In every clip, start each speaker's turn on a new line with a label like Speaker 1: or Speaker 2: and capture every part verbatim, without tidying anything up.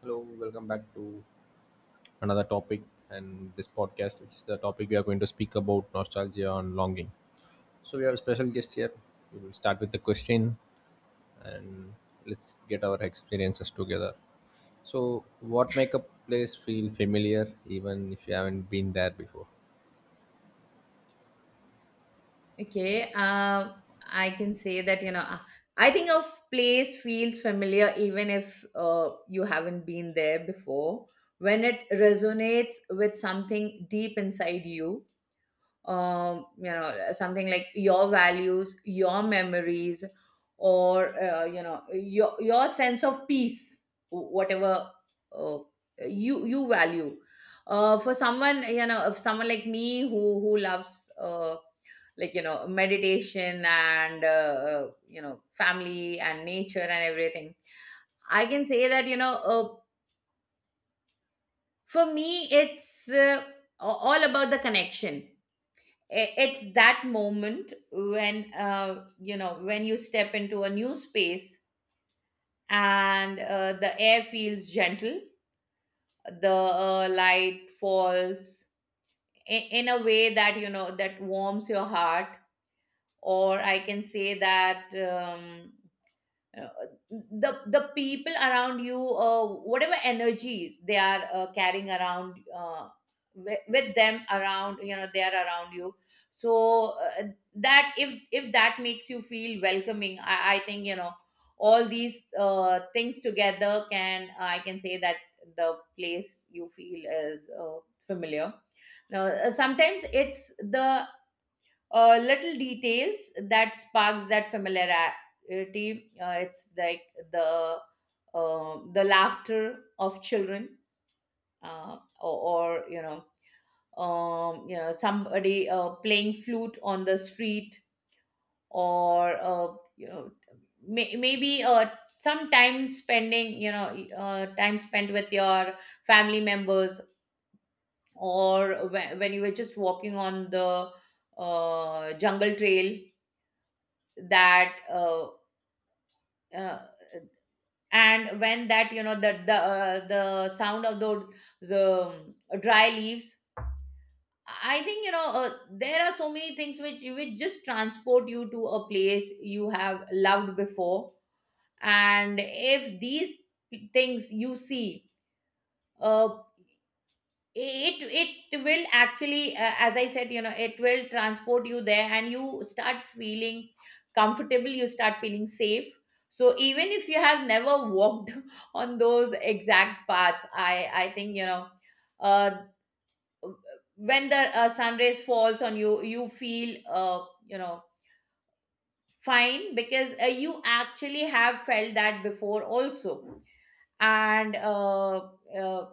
Speaker 1: Hello, welcome back to another topic and this podcast, which is the topic we are going to speak about nostalgia and longing. So, we have a special guest here. We will start with the question and let's get our experiences together. So, what make a place feel familiar even if you haven't been there before?
Speaker 2: Okay, uh, I can say that, you know, uh, I think a place feels familiar even if uh, you haven't been there before. When it resonates with something deep inside you, um, you know, something like your values, your memories, or, uh, you know, your, your sense of peace, wh- whatever uh, you, you value. Uh, for someone, you know, if someone like me who, who loves, uh, like you know meditation and uh, uh, you know family and nature and everything. I can say that you know uh, for me it's uh, a- all about the connection. I- it's that moment when uh, you know when you step into a new space and uh, the air feels gentle, the uh, light falls in, in a way that you know that warms your heart. Or I can say that um, uh, the the people around you, uh, whatever energies they are uh, carrying around uh, with, with them around, you know, they are around you. So uh, that if if that makes you feel welcoming, i, I think you know all these uh, things together, can I can say that the place you feel is uh, familiar. Now, uh, sometimes it's the uh, little details that sparks that familiarity. Uh, it's like the uh, the laughter of children, uh, or, or you know, um, you know, somebody uh, playing flute on the street, or uh, you know, may, maybe uh, some time spending, you know, uh, time spent with your family members, or whe- when you were just walking on the uh, jungle trail, that uh, uh, and when that you know that the uh, the sound of the the um, dry leaves. I think you know uh, there are so many things which which just transport you to a place you have loved before. And if these things you see, uh, it it will actually, uh, as I said, you know, it will transport you there and you start feeling comfortable, you start feeling safe. So even if you have never walked on those exact paths, i i think you know uh when the uh, sun rays falls on you, you feel uh you know fine, because uh, you actually have felt that before also. And uh, uh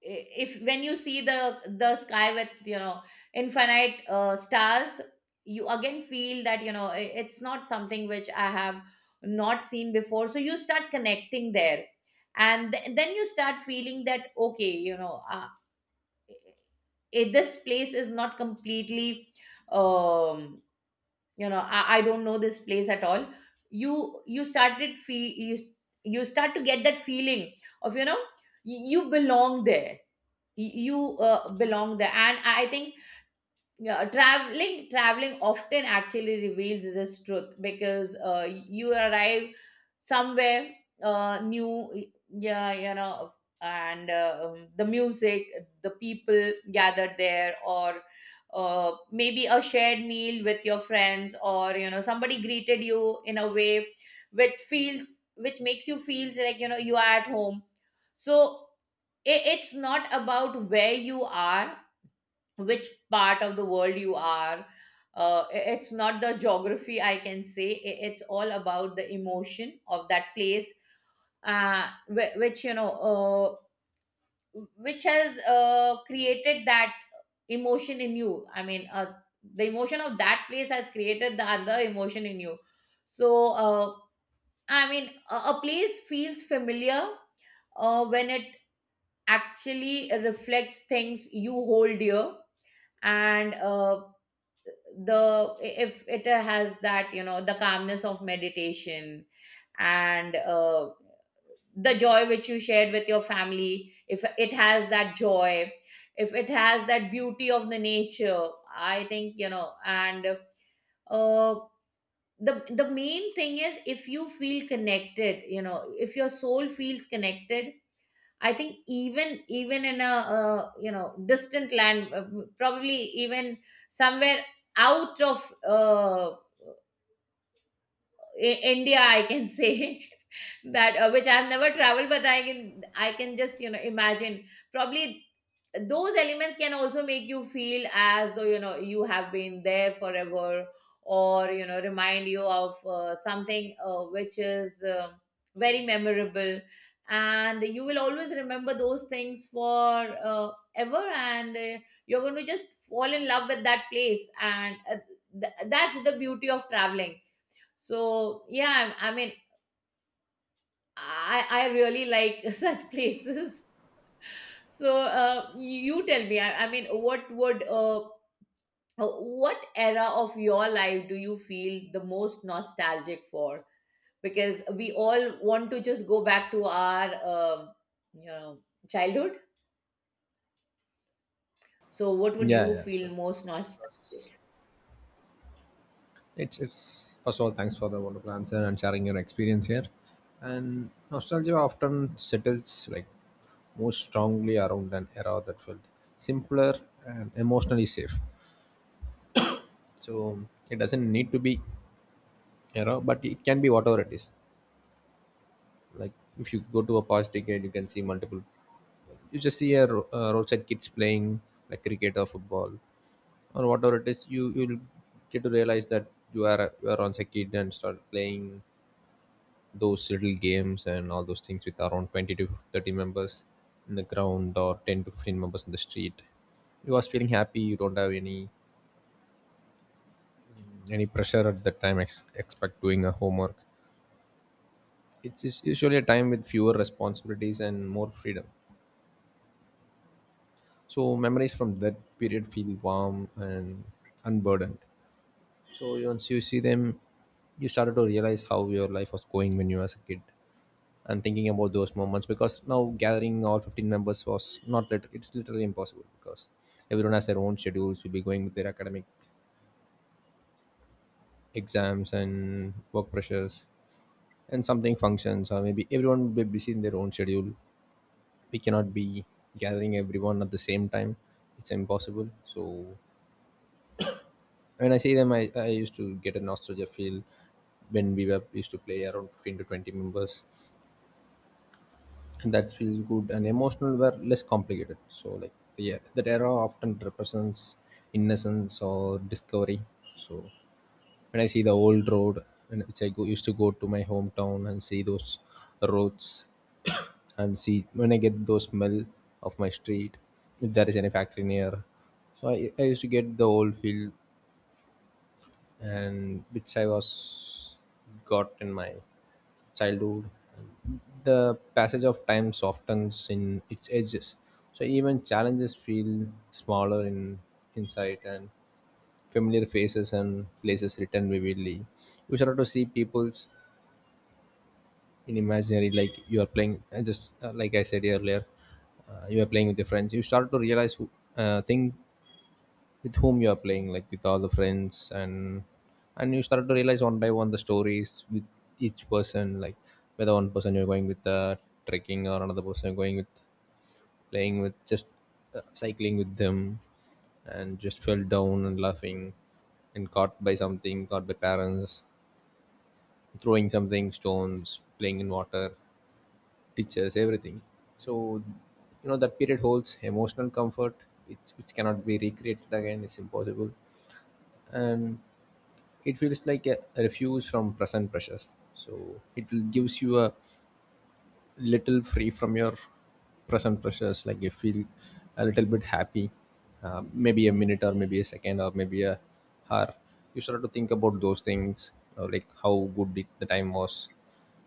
Speaker 2: if when you see the the sky with, you know, infinite uh, stars, you again feel that, you know, i- it's not something which I have not seen before. So you start connecting there and th- then you start feeling that okay, you know uh, i- this place is not completely um you know, I, I don't know this place at all. you you started feel you, you start to get that feeling of, you know, y- you belong there. Y- you uh, belong there, and I think, yeah, traveling traveling often actually reveals this truth, because uh, you arrive somewhere uh, new, yeah, you know. And uh, um, the music, the people gathered there, or uh, maybe a shared meal with your friends, or you know, somebody greeted you in a way which feels, which makes you feel like, you know, you are at home. So it, it's not about where you are, which part of the world you are. Uh, i- it's not the geography, I can say. I- it's all about the emotion of that place, uh, whi- which, you know uh, which has uh, created that emotion in you. I mean, uh, the emotion of that place has created the other emotion in you. So uh, I mean, a, a place feels familiar uh, when it actually reflects things you hold dear. And uh, the if it has that, you know, the calmness of meditation, and uh, the joy which you shared with your family, if it has that joy, if it has that beauty of the nature, I think you know. And uh, the the main thing is if you feel connected, you know, if your soul feels connected, I think even even in a, uh, you know, distant land, uh, probably even somewhere out of uh, I- India, I can say, that uh, which I've never traveled, but I can I can just you know imagine probably those elements can also make you feel as though, you know, you have been there forever, or you know, remind you of uh, something uh, which is um very memorable. And you will always remember those things for uh, ever. And uh, you're going to just fall in love with that place. And uh, th- that's the beauty of traveling. So yeah, i, I mean, i i really like such places. So uh, you tell me, I, I mean, what would uh, uh, what era of your life do you feel the most nostalgic for? Because we all want to just go back to our um you know childhood. So what would
Speaker 1: Yeah,
Speaker 2: you
Speaker 1: yeah, sure.
Speaker 2: feel most nostalgic?
Speaker 1: It's it's first of all, thanks for the wonderful answer and sharing your experience here. And nostalgia often settles like most strongly around an era that felt simpler and emotionally safe. So it doesn't need to be era, but it can be whatever it is. Like if you go to a past decade, you can see multiple. You just see a, ro- uh roadside kids playing like cricket or football or whatever it is. You you'll get to realize that you are a- you are once a kid and start playing those little games and all those things with around twenty to thirty members in the ground or ten to fifteen members in the street. You was feeling happy, you don't have any any pressure at that time ex- expect doing a homework. It's us- usually a time with fewer responsibilities and more freedom, so memories from that period feel warm and unburdened. So once you see them, you started to realize how your life was going when you was a kid and thinking about those moments, because now gathering all fifteen members was not lit- it's literally impossible, because everyone has their own schedules, will be going with their academic exams and work pressures and something functions, or maybe everyone will be busy in their own schedule. We cannot be gathering everyone at the same time, it's impossible. So when I see them i, I used to get a nostalgia feel when we were used to play around fifteen to twenty members, and that feels good and emotional were less complicated. So like yeah, that era often represents innocence or discovery. So when I see the old road and which i go, used to go to my hometown and see those roads and see when I get those smell of my street, if there is any factory near. So i, I used to get the old feel and which I was got in my childhood. The passage of time softens in its edges, so even challenges feel smaller in insight, and familiar faces and places written vividly. You start to see peoples in imaginary, like you are playing. uh, Just uh, like I said earlier, uh, you are playing with your friends. You start to realize who, uh, thing with whom you are playing, like with all the friends, and and you start to realize one by one the stories with each person, like whether one person you're going with uh, trekking, or another person you're going with playing with, just uh, cycling with them and just fell down and laughing, and caught by something, caught by parents, throwing something, stones, playing in water, teachers, everything. So you know, that period holds emotional comfort which, which cannot be recreated again, it's impossible. And it feels like a refuge from present pressures, so it will gives you a little free from your present pressures, like you feel a little bit happy. Uh, maybe a minute or maybe a second or maybe a hour, you start to think about those things, or like how good it, the time was.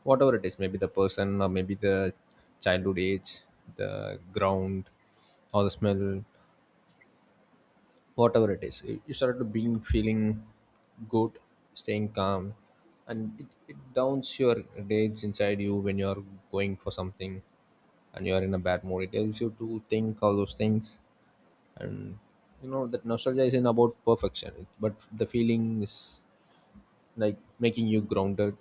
Speaker 1: Whatever it is, maybe the person or maybe the childhood age, the ground or the smell, whatever it is, you you started to being feeling good, staying calm. And it, it downs your rage inside you when you're going for something and you're in a bad mood, it helps you to think all those things. And you know that nostalgia isn't about perfection, it- but the feeling is like making you grounded.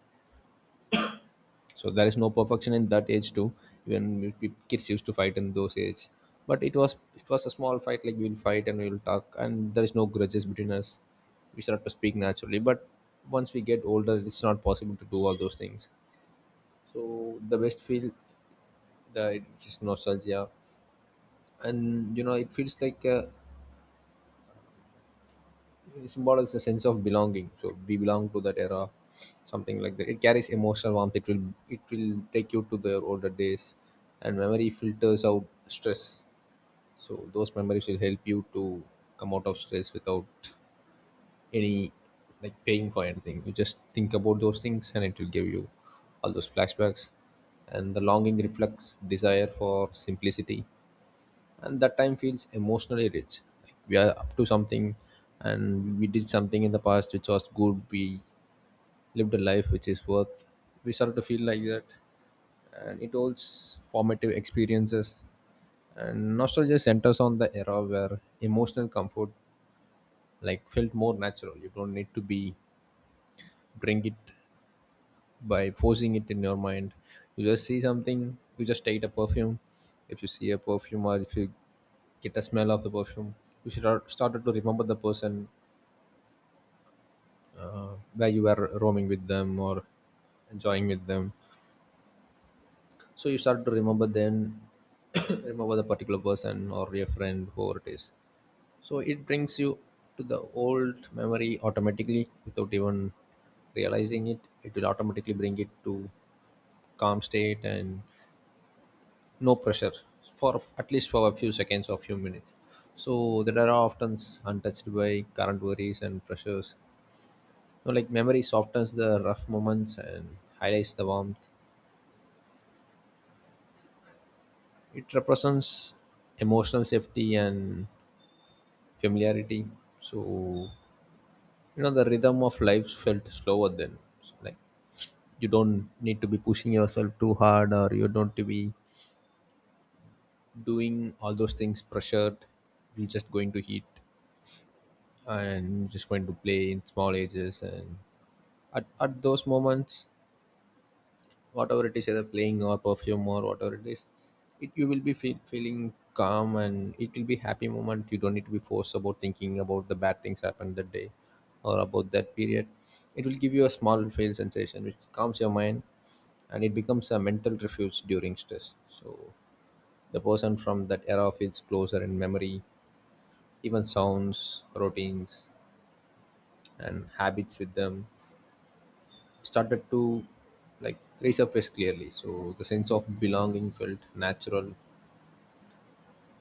Speaker 1: So there is no perfection in that age too, even we- kids used to fight in those age, but it was, it was a small fight, like we'll fight and we'll talk and there is no grudges between us, we start to speak naturally. But once we get older, it's not possible to do all those things. So the best feel, the it's just nostalgia. And you know, it feels like uh, it symbolizes a sense of belonging. So we belong to that era, something like that. It carries emotional warmth. It will it will take you to the older days, and memory filters out stress. So those memories will help you to come out of stress without any, like paying for anything. You just think about those things, and it will give you all those flashbacks. And the longing reflects desire for simplicity, and that time feels emotionally rich, like we are up to something and we did something in the past which was good, we lived a life which is worth, we started to feel like that. And it holds formative experiences, and nostalgia centers on the era where emotional comfort, like felt more natural, you don't need to be bring it by forcing it in your mind. You just see something, you just take a perfume. If you see a perfume or if you get a smell of the perfume, you should start started to remember the person uh, where you were roaming with them or enjoying with them. So you start to remember, then remember the particular person or your friend, whoever it is. So it brings you to the old memory automatically without even realizing it. It will automatically bring it to calm state and no pressure, for at least for a few seconds or few minutes. So that are often untouched by current worries and pressures, you know, like memory softens the rough moments and highlights the warmth. It represents emotional safety and familiarity. So you know, the rhythm of life felt slower then. So like, you don't need to be pushing yourself too hard, or you don't to be doing all those things pressured, you're just going to heat and just going to play in small ages. And at, at those moments, whatever it is, either playing or perfume or whatever it is, it you will be feel, feeling calm, and it will be happy moment. You don't need to be forced about thinking about the bad things happened that day or about that period. It will give you a small feel sensation which calms your mind, and it becomes a mental refuge during stress. So the person from that era feels closer in memory, even sounds, routines and habits with them started to like resurface clearly. So the sense of belonging felt natural,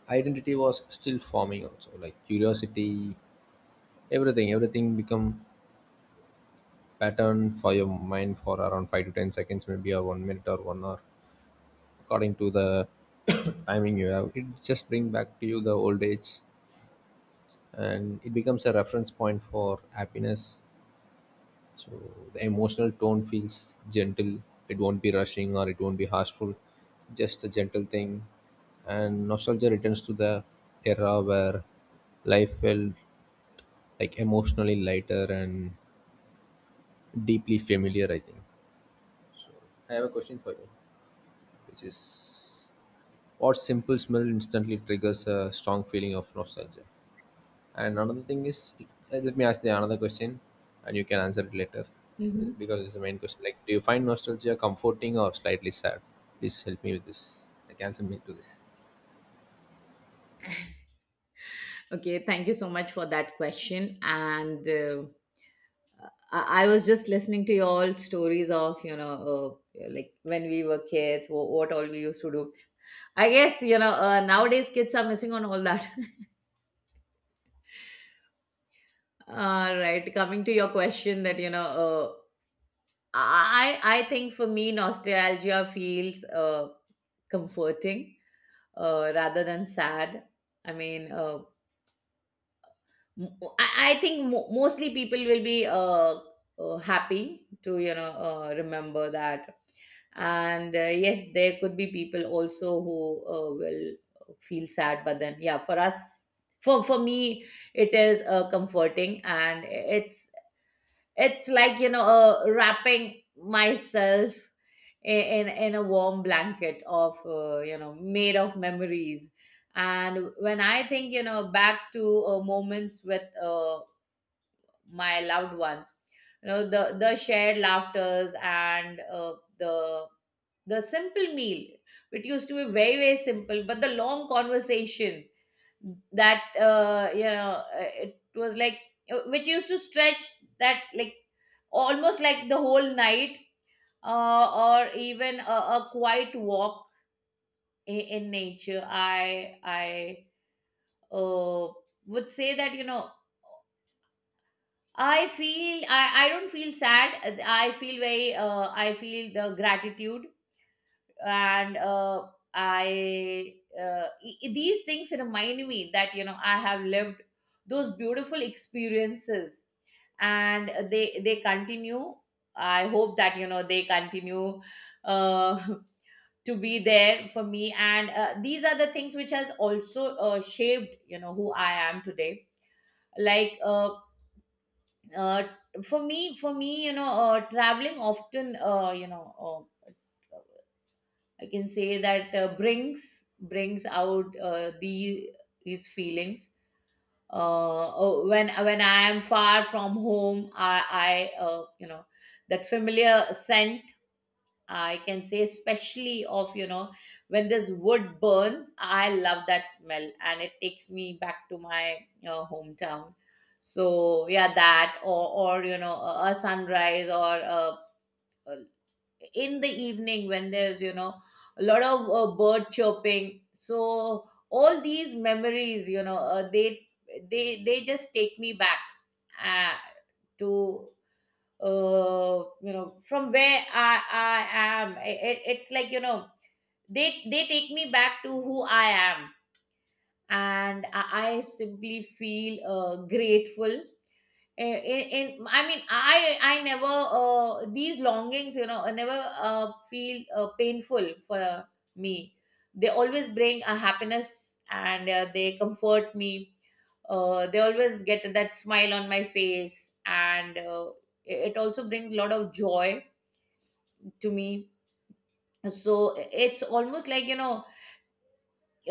Speaker 1: identity was still forming, also like curiosity. Everything, everything become pattern for your mind for around five to ten seconds maybe, or one minute or one hour, according to the timing you have. It just bring back to you the old age, and it becomes a reference point for happiness. So the emotional tone feels gentle. It won't be rushing or it won't be harshful. Just a gentle thing. And nostalgia returns to the era where life felt like emotionally lighter and deeply familiar, I think. I have a question for you, which is what simple smell instantly triggers a strong feeling of nostalgia? And another thing is, uh, let me ask the another question, and you can answer it later,
Speaker 2: Mhm.
Speaker 1: because it's the main question. Like, do you find nostalgia comforting or slightly sad? Please help me with this. Like, answer me to this.
Speaker 2: Okay, thank you so much for that question. And uh, I, I was just listening to your all stories of, you know, uh, like when we were kids, what, what all we used to do. I guess, you know, uh, nowadays kids are missing on all that. All right. Coming to your question that, you know, uh, I I think for me nostalgia feels uh, comforting uh, rather than sad. I mean, uh, m- I, I think mo- mostly people will be uh, uh, happy to, you know, uh, remember that. And uh, yes, there could be people also who uh, will feel sad. But then, yeah, for us, for, for me, it is uh, comforting, and it's it's like, you know, uh, wrapping myself i- in in a warm blanket of, uh, you know, made of memories. And when I think, you know, back to uh, moments with uh, my loved ones, you know, the the shared laughters, and uh, the the simple meal, which used to be very very simple, but the long conversation that uh, you know uh, it was like uh, which used to stretch, that like almost like the whole night, uh, or even a, a quiet walk in, in nature. I I uh, would say that, you know, i feel i i don't feel sad, I feel very uh, I feel the gratitude. And uh, i uh, e- e, these things remind me that, you know, I have lived those beautiful experiences, and they they continue. I hope that, you know, they continue uh, to be there for me. And uh, these are the things which has also uh, shaped, you know, who I am today. Like uh, uh, for me, for me you know, uh, traveling often, uh, you know uh, I can say that uh, brings brings out uh, the his feelings. Uh, oh, when when I am far from home, I I uh, you know that familiar scent. I can say especially of, you know, when this wood burns. I love that smell, and it takes me back to my uh, hometown. So yeah, that, or or you know, a a sunrise, or a in the evening when there's, you know, a lot of uh, bird chirping. So all these memories, you know, uh, they they they just take me back uh, to, uh, you know, from where i i am. It, it's like, you know, they they take me back to who I am, and i, I simply feel uh, grateful. In, in i mean i i never uh, these longings, you know, I never uh, feel uh, painful for me. They always bring a happiness, and uh, they comfort me. Uh, they always get that smile on my face. And uh, it also brings a lot of joy to me. So it's almost like, you know,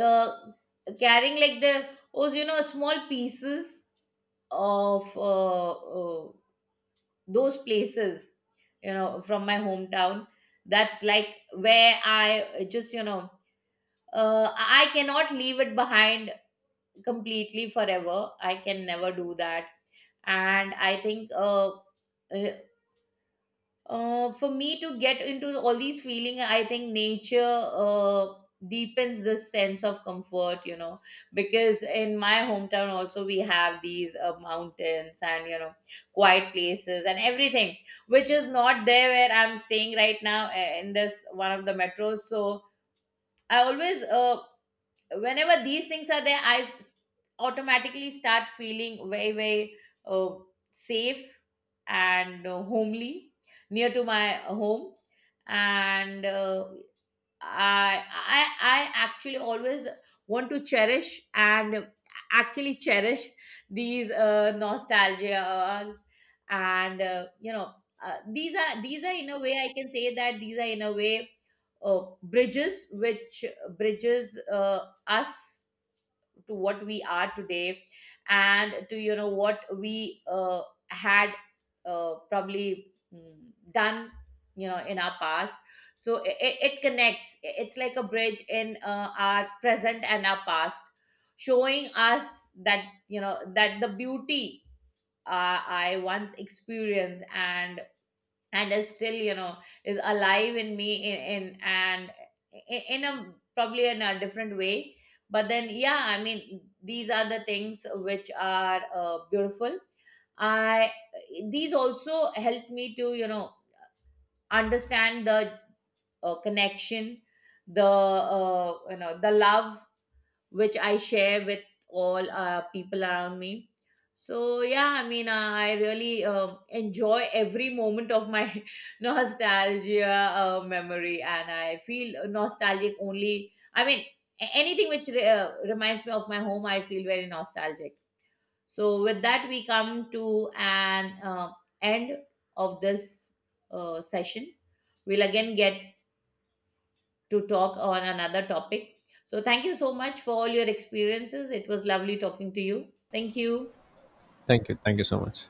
Speaker 2: uh, carrying like the oh you know, small pieces of uh, uh, those places, you know, from my hometown. That's like where I just, you know, uh, I cannot leave it behind completely forever. I can never do that. And I think uh, uh, for me to get into all these feeling, I think nature uh, deepens the sense of comfort, you know, because in my hometown also we have these uh, mountains, and, you know, quiet places and everything, which is not there where I'm staying right now, uh, in this one of the metros. So I always uh, whenever these things are there, I automatically start feeling very very uh, safe, and uh, homely, near to my home. And uh, I I I actually always want to cherish, and actually cherish these uh, nostalgias. And uh, you know uh, these are, these are in a way I can say that these are in a way uh, bridges which bridges uh, us to what we are today, and to, you know, what we uh, had uh, probably mm, done, you know, in our past. So it, it connects, it's like a bridge in uh, our present and our past, showing us that, you know, that the beauty uh, I once experienced and and is still, you know, is alive in me in, in and i- in a, probably in a different way. But then yeah, I mean, these are the things which are uh, beautiful. I These also helped me to, you know, understand the uh, connection, the uh, you know, the love which I share with all uh, people around me. So yeah, I mean, uh, I really uh, enjoy every moment of my nostalgia uh, memory, and I feel nostalgic only. I mean, a- anything which re- uh, reminds me of my home, I feel very nostalgic. So with that, we come to an uh, end of this uh, session. We'll again get to talk on another topic. So, thank you so much for all your experiences. It was lovely talking to you. Thank you.
Speaker 1: Thank you. Thank you so much.